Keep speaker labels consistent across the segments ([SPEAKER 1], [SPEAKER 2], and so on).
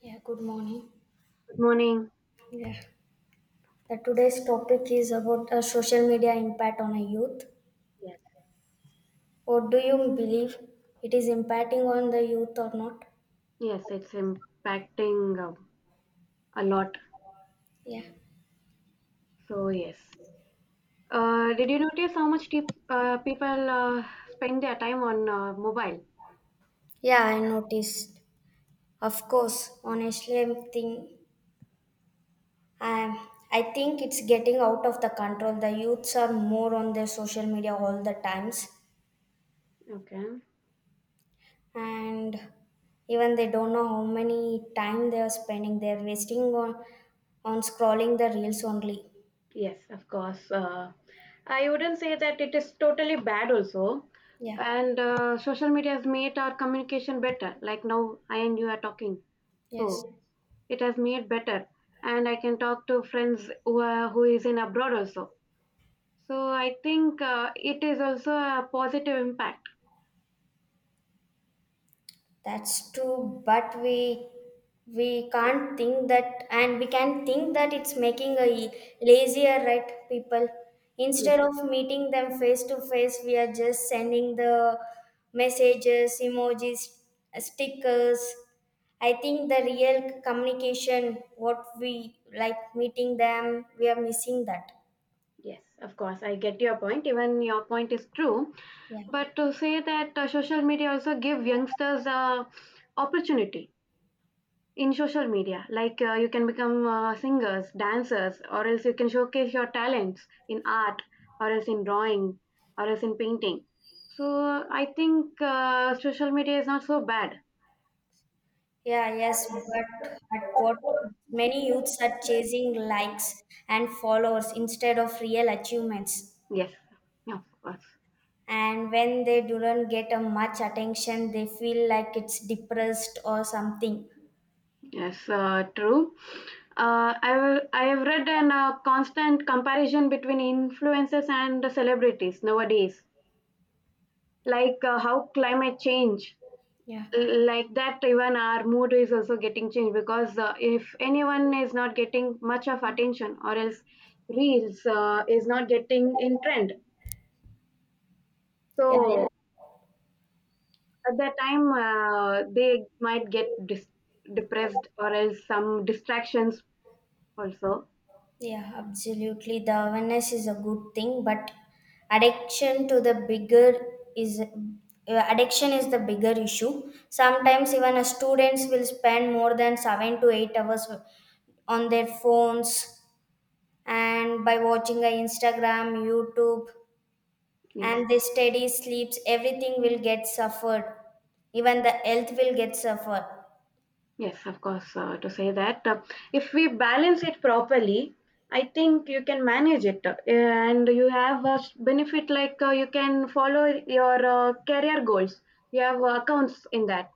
[SPEAKER 1] Yeah, good morning.
[SPEAKER 2] Good morning.
[SPEAKER 1] Yeah. The today's topic is about a social media impact on a youth.
[SPEAKER 2] Yes.
[SPEAKER 1] What do you believe it is impacting on the youth or not?
[SPEAKER 2] Yes, it's impacting a lot.
[SPEAKER 1] Yeah,
[SPEAKER 2] So yes. Did you notice how much tip, people spend their time on mobile?
[SPEAKER 1] yeah, I noticed. Of course, honestly, I think it's getting out of the control. The youths are more on their social media all the times,
[SPEAKER 2] Okay.
[SPEAKER 1] and even they don't know how many time they are spending. They're wasting on scrolling the reels only.
[SPEAKER 2] Yes, of course. I wouldn't say that it is totally bad also.
[SPEAKER 1] Yeah,
[SPEAKER 2] And social media has made our communication better. Like now, I and you are talking.
[SPEAKER 1] yes,
[SPEAKER 2] So yes, it has made better. And I can talk to friends who, are, who is in abroad also. So I think it is also a positive impact.
[SPEAKER 1] that's true, but we can't think that, and we can think that it's making lazier right people.
[SPEAKER 2] Yes,
[SPEAKER 1] Instead of meeting them face to face, we are just sending the messages, emojis, stickers. I think the real communication, what we like meeting them, we are missing that.
[SPEAKER 2] yes, of course. I get your point. Even your point is true.
[SPEAKER 1] Yeah.
[SPEAKER 2] But to say that social media also give youngsters opportunity in social media, like you can become singers, dancers, or else you can showcase your talents in art, or else in drawing, or else in painting. So I think social media is not so bad.
[SPEAKER 1] Yeah, yes, but at what many youths are chasing likes and followers instead of real achievements.
[SPEAKER 2] Yes, of course.
[SPEAKER 1] And when they don't get a much attention, they feel like it's depressed or something.
[SPEAKER 2] Yes, true. I have read an constant comparison between influencers and the celebrities nowadays, like how climate change,
[SPEAKER 1] Yeah.
[SPEAKER 2] like that even our mood is also getting changed because if anyone is not getting much of attention or else reels is not getting in trend,
[SPEAKER 1] Yeah,
[SPEAKER 2] so at that time they might get depressed or else some distractions also.
[SPEAKER 1] yeah, absolutely. The awareness is a good thing, but addiction to the bigger addiction is the bigger issue. Sometimes even a students will spend more than 7 to 8 hours on their phones and by watching a instagram youtube
[SPEAKER 2] Yes.
[SPEAKER 1] and the steady sleeps everything will get suffered, even the health will get suffered.
[SPEAKER 2] Yes, of course, to say that. If we balance it properly, I think you can manage it. And you have benefit like you can follow your career goals. You have accounts in that.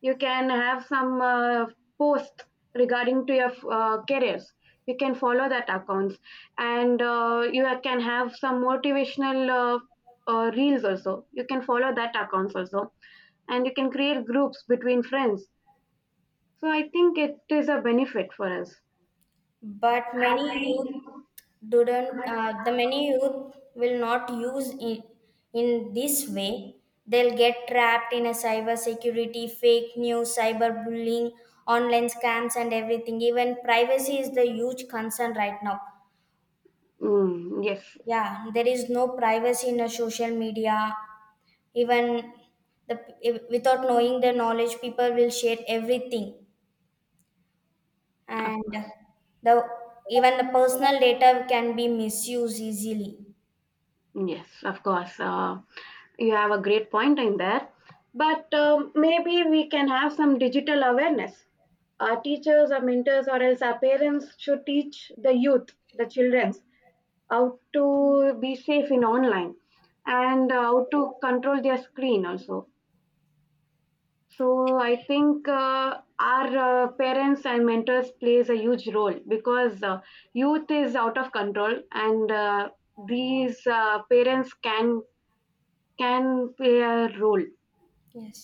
[SPEAKER 2] You can have some posts regarding to your careers. You can follow that accounts. And you can have some motivational reels also. You can follow that accounts also. And you can create groups between friends, so I think it is a benefit for us.
[SPEAKER 1] But many youth didn't the many youth will not use in this way. They'll get trapped in a cyber security, fake news, cyber bullying, online scams, and everything. Even privacy is the huge concern right now.
[SPEAKER 2] Mm, yes,
[SPEAKER 1] Yeah, there is no privacy in a social media. Even the without knowing the knowledge, people will share everything,
[SPEAKER 2] of
[SPEAKER 1] and
[SPEAKER 2] course.
[SPEAKER 1] the even the personal data can be misused easily.
[SPEAKER 2] Yes, of course. You have a great point in there. But maybe we can have some digital awareness. Our teachers or mentors or else our parents should teach the youth, the children, how to be safe in online and how to control their screen also. So I think our parents and mentors plays a huge role because youth is out of control, and these parents can play a role.
[SPEAKER 1] Yes,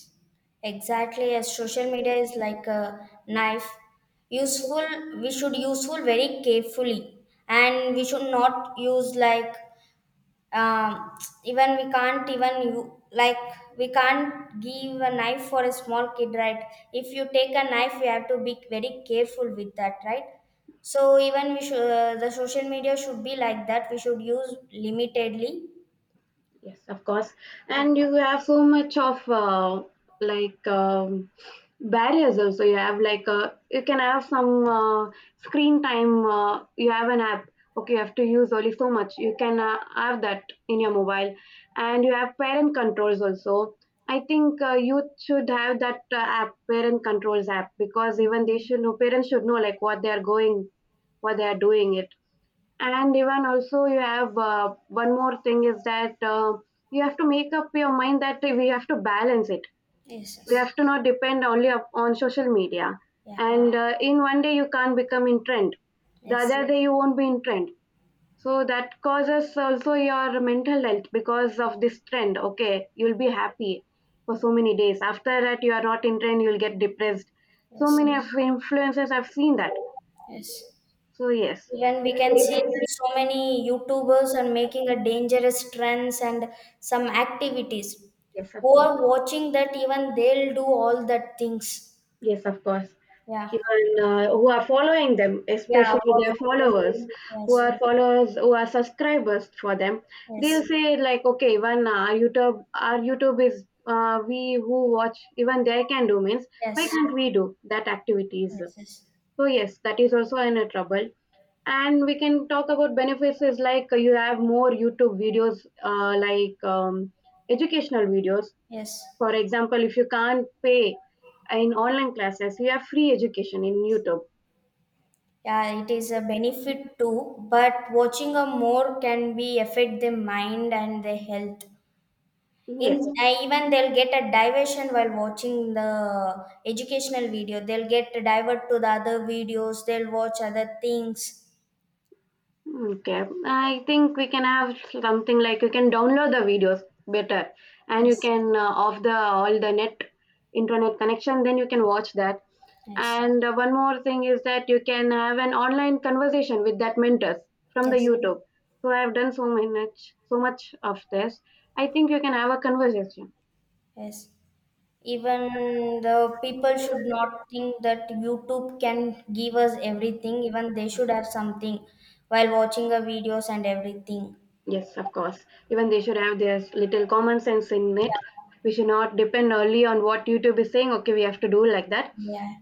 [SPEAKER 1] exactly, as social media is like a knife, useful, we should useful very carefully, and we should not use like um, even we can't, even you like, we can't give a knife for a small kid, right? If you take a knife, we have to be very careful with that, right? So even we should, the social media should be like that. We should use limitedly.
[SPEAKER 2] Yes, of course.
[SPEAKER 1] Yeah.
[SPEAKER 2] And you have so much of like barriers also. You have like you can have some screen time. You have an app. Okay, you have to use only so much. You can have that in your mobile, and you have parent controls also. I think youth should have that app, parent controls app, because even they should know. Parents should know like what they are going, what they are doing it. And even also you have one more thing is that you have to make up your mind that we have to balance it.
[SPEAKER 1] Yes,
[SPEAKER 2] We
[SPEAKER 1] yes.
[SPEAKER 2] have to not depend only up on social media.
[SPEAKER 1] Yeah.
[SPEAKER 2] And in one day you can't become in trend, the
[SPEAKER 1] Yes,
[SPEAKER 2] other yes day you won't be in trend. So that causes also your mental health, because of this trend okay you'll be happy for so many days, after that you are not in trend you'll get depressed. So
[SPEAKER 1] yes,
[SPEAKER 2] many of influencers have seen that.
[SPEAKER 1] yes,
[SPEAKER 2] So yes.
[SPEAKER 1] even we can see that so many youtubers are making a dangerous trends and some activities.
[SPEAKER 2] Yes, of
[SPEAKER 1] Who
[SPEAKER 2] course.
[SPEAKER 1] are watching that, even they'll do all that things.
[SPEAKER 2] Yes, of course.
[SPEAKER 1] Yeah.
[SPEAKER 2] Even who are following them,
[SPEAKER 1] Yeah.
[SPEAKER 2] especially their
[SPEAKER 1] What? Yes.
[SPEAKER 2] followers, who are subscribers for them, they'll
[SPEAKER 1] Yes.
[SPEAKER 2] say like, okay, even our YouTube is we who watch, even they can do means why
[SPEAKER 1] Yes.
[SPEAKER 2] can't we do that activities?
[SPEAKER 1] Yes. Yes.
[SPEAKER 2] So yes, that is also in a trouble. And we can talk about benefits is like you have more YouTube videos, like educational videos.
[SPEAKER 1] Yes.
[SPEAKER 2] For example, if you can't pay in online classes, you have free education in YouTube.
[SPEAKER 1] Yeah, it is a benefit too, but watching a more can be affect their mind and their health. In
[SPEAKER 2] Yes.
[SPEAKER 1] even they'll get a diversion while watching the educational video. They'll get divert to the other videos. They'll watch other things.
[SPEAKER 2] Okay, I think we can have something like you can download the videos better, and you
[SPEAKER 1] Yes.
[SPEAKER 2] can off the all the net internet connection. Then you can watch that.
[SPEAKER 1] Yes.
[SPEAKER 2] And one more thing is that you can have an online conversation with that mentors from the
[SPEAKER 1] Yes.
[SPEAKER 2] YouTube. So I have done so much, so much of this. I think you can have a conversation.
[SPEAKER 1] Yes. Even the people should not think that YouTube can give us everything, even they should have something while watching the videos and everything.
[SPEAKER 2] Yes, of course. Even they should have this little common sense in it. We should not depend only on what YouTube is saying. Okay, we have to do like that,
[SPEAKER 1] Yeah.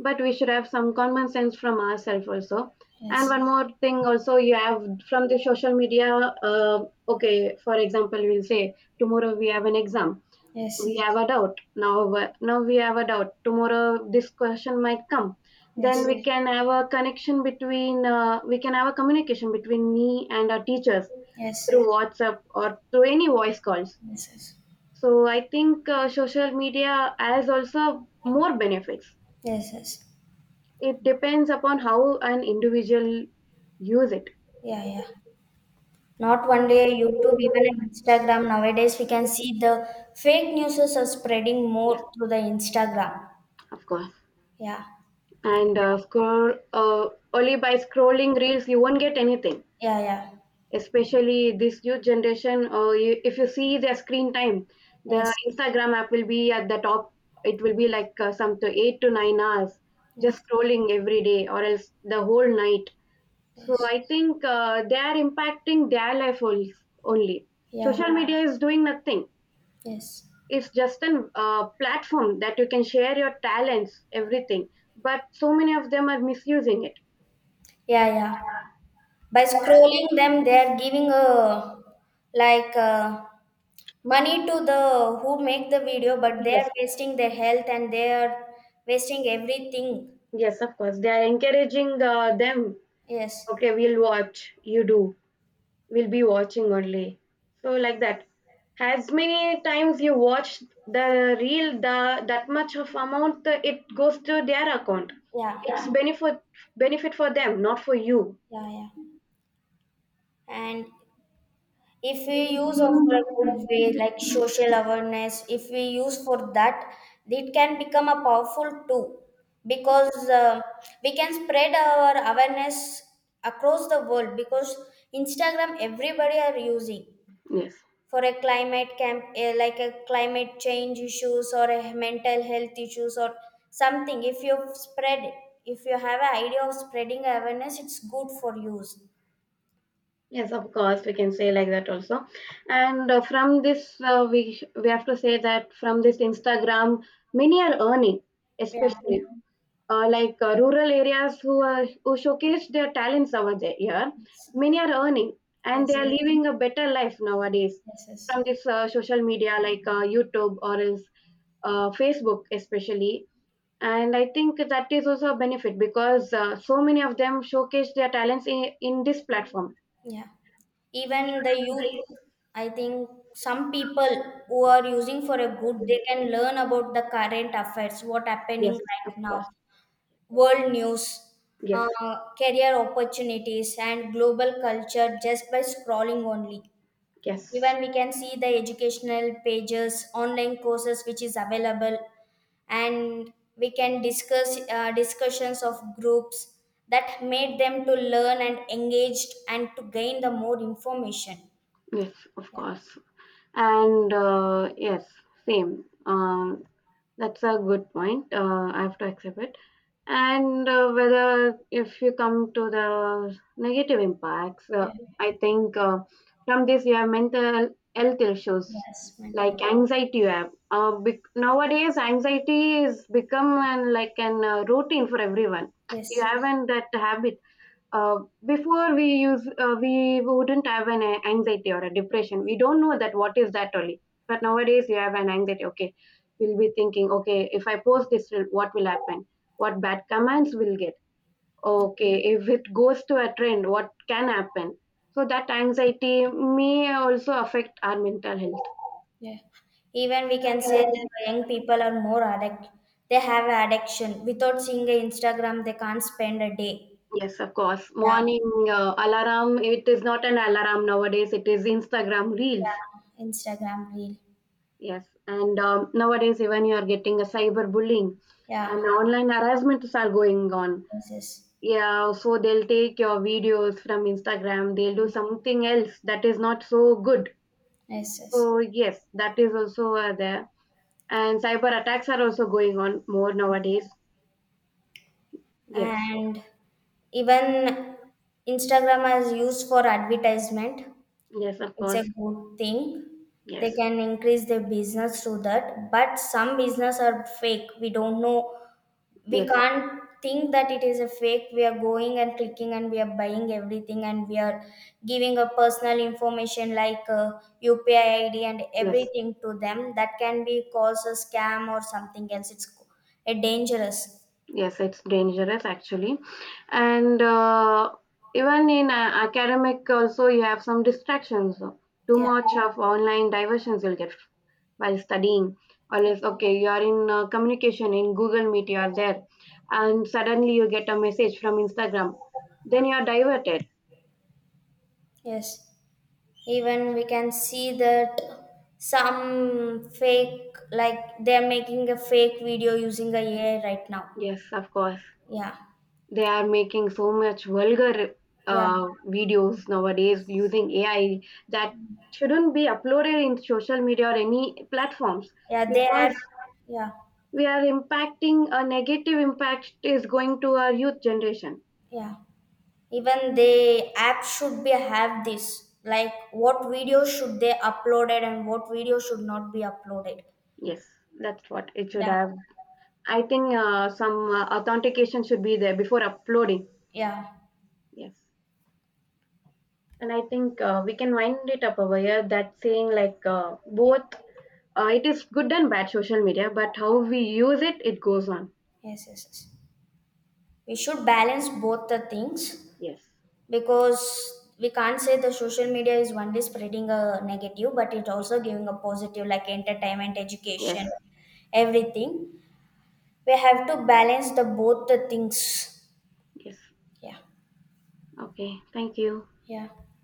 [SPEAKER 2] but we should have some common sense from ourselves also. And
[SPEAKER 1] Yes.
[SPEAKER 2] one more thing also you have from the social media, uh, okay for example we'll say tomorrow we have an exam, we
[SPEAKER 1] Yes.
[SPEAKER 2] have a doubt now now we have a doubt tomorrow this question might come, then
[SPEAKER 1] Yes.
[SPEAKER 2] we can have a connection between we can have a communication between me and our teachers
[SPEAKER 1] Yes.
[SPEAKER 2] through WhatsApp or through any voice calls.
[SPEAKER 1] Yes. Yes.
[SPEAKER 2] So I think social media has also more benefits.
[SPEAKER 1] Yes, yes.
[SPEAKER 2] It depends upon how an individual use it.
[SPEAKER 1] Yeah, yeah. Not only YouTube, even on Instagram. Nowadays, we can see the fake news are spreading
[SPEAKER 2] Yes,
[SPEAKER 1] more through the Instagram.
[SPEAKER 2] of course.
[SPEAKER 1] Yeah,
[SPEAKER 2] And scroll only by scrolling reels, you won't get anything.
[SPEAKER 1] yeah, yeah.
[SPEAKER 2] Especially this youth generation, you, if you see their screen time, the
[SPEAKER 1] Yes,
[SPEAKER 2] Instagram app will be at the top. It will be like some to 8 to 9 hours just
[SPEAKER 1] yes,
[SPEAKER 2] scrolling every day, or else the whole night. So
[SPEAKER 1] yes.
[SPEAKER 2] I think they are impacting their life only. Only.
[SPEAKER 1] Yeah,
[SPEAKER 2] Social yeah, media is doing nothing.
[SPEAKER 1] yes.
[SPEAKER 2] It's just an platform that you can share your talents everything, but so many of them are misusing it.
[SPEAKER 1] Yeah, yeah, by scrolling them, they are giving a like money to the who make the video, but they are
[SPEAKER 2] Yes,
[SPEAKER 1] wasting their health, and they are wasting everything.
[SPEAKER 2] yes, of course, they are encouraging them.
[SPEAKER 1] Yes.
[SPEAKER 2] Okay, we'll watch you do, we'll be watching only. So like that, as many times you watch the reel, the that much of amount it goes to their account.
[SPEAKER 1] Yeah,
[SPEAKER 2] It's benefit for them, not for you.
[SPEAKER 1] yeah, yeah, and if we use of for a good way, like social awareness, if we use for that, it can become a powerful tool, because we can spread our awareness across the world, because instagram everybody are using
[SPEAKER 2] Yes.
[SPEAKER 1] for a like a climate change issues or a mental health issues or something. If you spread it, if you have an idea of spreading awareness, it's good for use.
[SPEAKER 2] Yes, of course, we can say like that also. And from this, we have to say that from this Instagram, many are earning,
[SPEAKER 1] Yeah.
[SPEAKER 2] especially yeah, like rural areas who are who showcase their talents over there. Yeah, many are earning and they
[SPEAKER 1] Yes,
[SPEAKER 2] are yeah, living a better life nowadays
[SPEAKER 1] yes, yes.
[SPEAKER 2] from this social media like YouTube or else Facebook, especially. And I think that is also a benefit because so many of them showcase their talents in this platform.
[SPEAKER 1] Yeah, even the youth, I think some people who are using for a good, they can learn about the current affairs what happening
[SPEAKER 2] Yes,
[SPEAKER 1] right
[SPEAKER 2] of
[SPEAKER 1] now,
[SPEAKER 2] course.
[SPEAKER 1] world news,
[SPEAKER 2] Yes,
[SPEAKER 1] uh, career opportunities, and global culture just by scrolling only.
[SPEAKER 2] yes,
[SPEAKER 1] Even we can see the educational pages, online courses which is available, and we can discuss discussions of groups that made them to learn and engaged and to gain the more information.
[SPEAKER 2] yes, of
[SPEAKER 1] Yeah.
[SPEAKER 2] course. And yes, same. That's a good point. I have to accept it. And whether if you come to the negative impacts,
[SPEAKER 1] Yeah.
[SPEAKER 2] I think from this you have mental health issues
[SPEAKER 1] Yes, mental
[SPEAKER 2] like
[SPEAKER 1] health.
[SPEAKER 2] anxiety. You have nowadays anxiety is become an like an routine for everyone. You
[SPEAKER 1] Yes.
[SPEAKER 2] haven't that habit uh, before we use we wouldn't have an anxiety or a depression, we don't know that what is that only. But nowadays you have an anxiety, okay we'll be thinking okay if I post this what will happen, what bad comments will get, okay if it goes to a trend what can happen. So that anxiety may also affect our mental health.
[SPEAKER 1] Yeah. Even we can say the young people are more addict. They have addiction. Without seeing a Instagram, they can't spend a day.
[SPEAKER 2] Yes, of course,
[SPEAKER 1] Yeah,
[SPEAKER 2] morning alarm it is not an alarm nowadays it is Instagram reels.
[SPEAKER 1] yeah. Instagram reel.
[SPEAKER 2] Yes, and nowadays even you are getting a cyber bullying and
[SPEAKER 1] Yeah.
[SPEAKER 2] online harassments are going on.
[SPEAKER 1] Yes, yes,
[SPEAKER 2] Yeah, so they'll take your videos from Instagram, they'll do something else that is not so good.
[SPEAKER 1] yes. Yes.
[SPEAKER 2] So yes, that is also there. And cyber attacks are also going on more nowadays. Yes,
[SPEAKER 1] And even Instagram is used for advertisement.
[SPEAKER 2] yes, of
[SPEAKER 1] It's a
[SPEAKER 2] course.
[SPEAKER 1] good thing. They
[SPEAKER 2] Yes,
[SPEAKER 1] can increase their business through that. But some business are fake. We don't know, we
[SPEAKER 2] yes,
[SPEAKER 1] can't think that it is a fake. We are going and clicking, and we are buying everything, and we are giving a personal information like upi id and
[SPEAKER 2] yes.
[SPEAKER 1] everything to them. That can be cause a scam or something else. It's a dangerous.
[SPEAKER 2] Yes, it's dangerous actually. And even in academic, also, you have some distractions. Too
[SPEAKER 1] Yeah.
[SPEAKER 2] much of online diversions you'll get while studying. Or else, okay, you are in communication in Google Meet, you are there, and suddenly you get a message from Instagram. Then you are diverted.
[SPEAKER 1] Yes, even we can see that some fake, like, they're making a fake video using a AI right now.
[SPEAKER 2] Yes, of course.
[SPEAKER 1] Yeah,
[SPEAKER 2] They are making so much vulgar
[SPEAKER 1] yeah,
[SPEAKER 2] videos nowadays using AI that shouldn't be uploaded in social media or any platforms,
[SPEAKER 1] yeah, they are.
[SPEAKER 2] because
[SPEAKER 1] Yeah,
[SPEAKER 2] we are impacting a negative impact is going to our youth generation.
[SPEAKER 1] yeah, even they app should be have this like what videos should they uploaded and what videos should not be uploaded.
[SPEAKER 2] Yes, that's what it should
[SPEAKER 1] Yeah,
[SPEAKER 2] have. I think some authentication should be there before uploading.
[SPEAKER 1] yeah.
[SPEAKER 2] Yes. And I think we can wind it up over here that saying like both it is good and bad social media, but how we use it, it goes on.
[SPEAKER 1] Yes, yes, yes, we should balance both the things,
[SPEAKER 2] Yes.
[SPEAKER 1] because we can't say the social media is only spreading a negative, but it
[SPEAKER 2] Yes,
[SPEAKER 1] also giving a positive, like entertainment,
[SPEAKER 2] yes,
[SPEAKER 1] education, everything. We have to balance the both the things.
[SPEAKER 2] yes.
[SPEAKER 1] Yeah,
[SPEAKER 2] Okay, thank you.
[SPEAKER 1] yeah.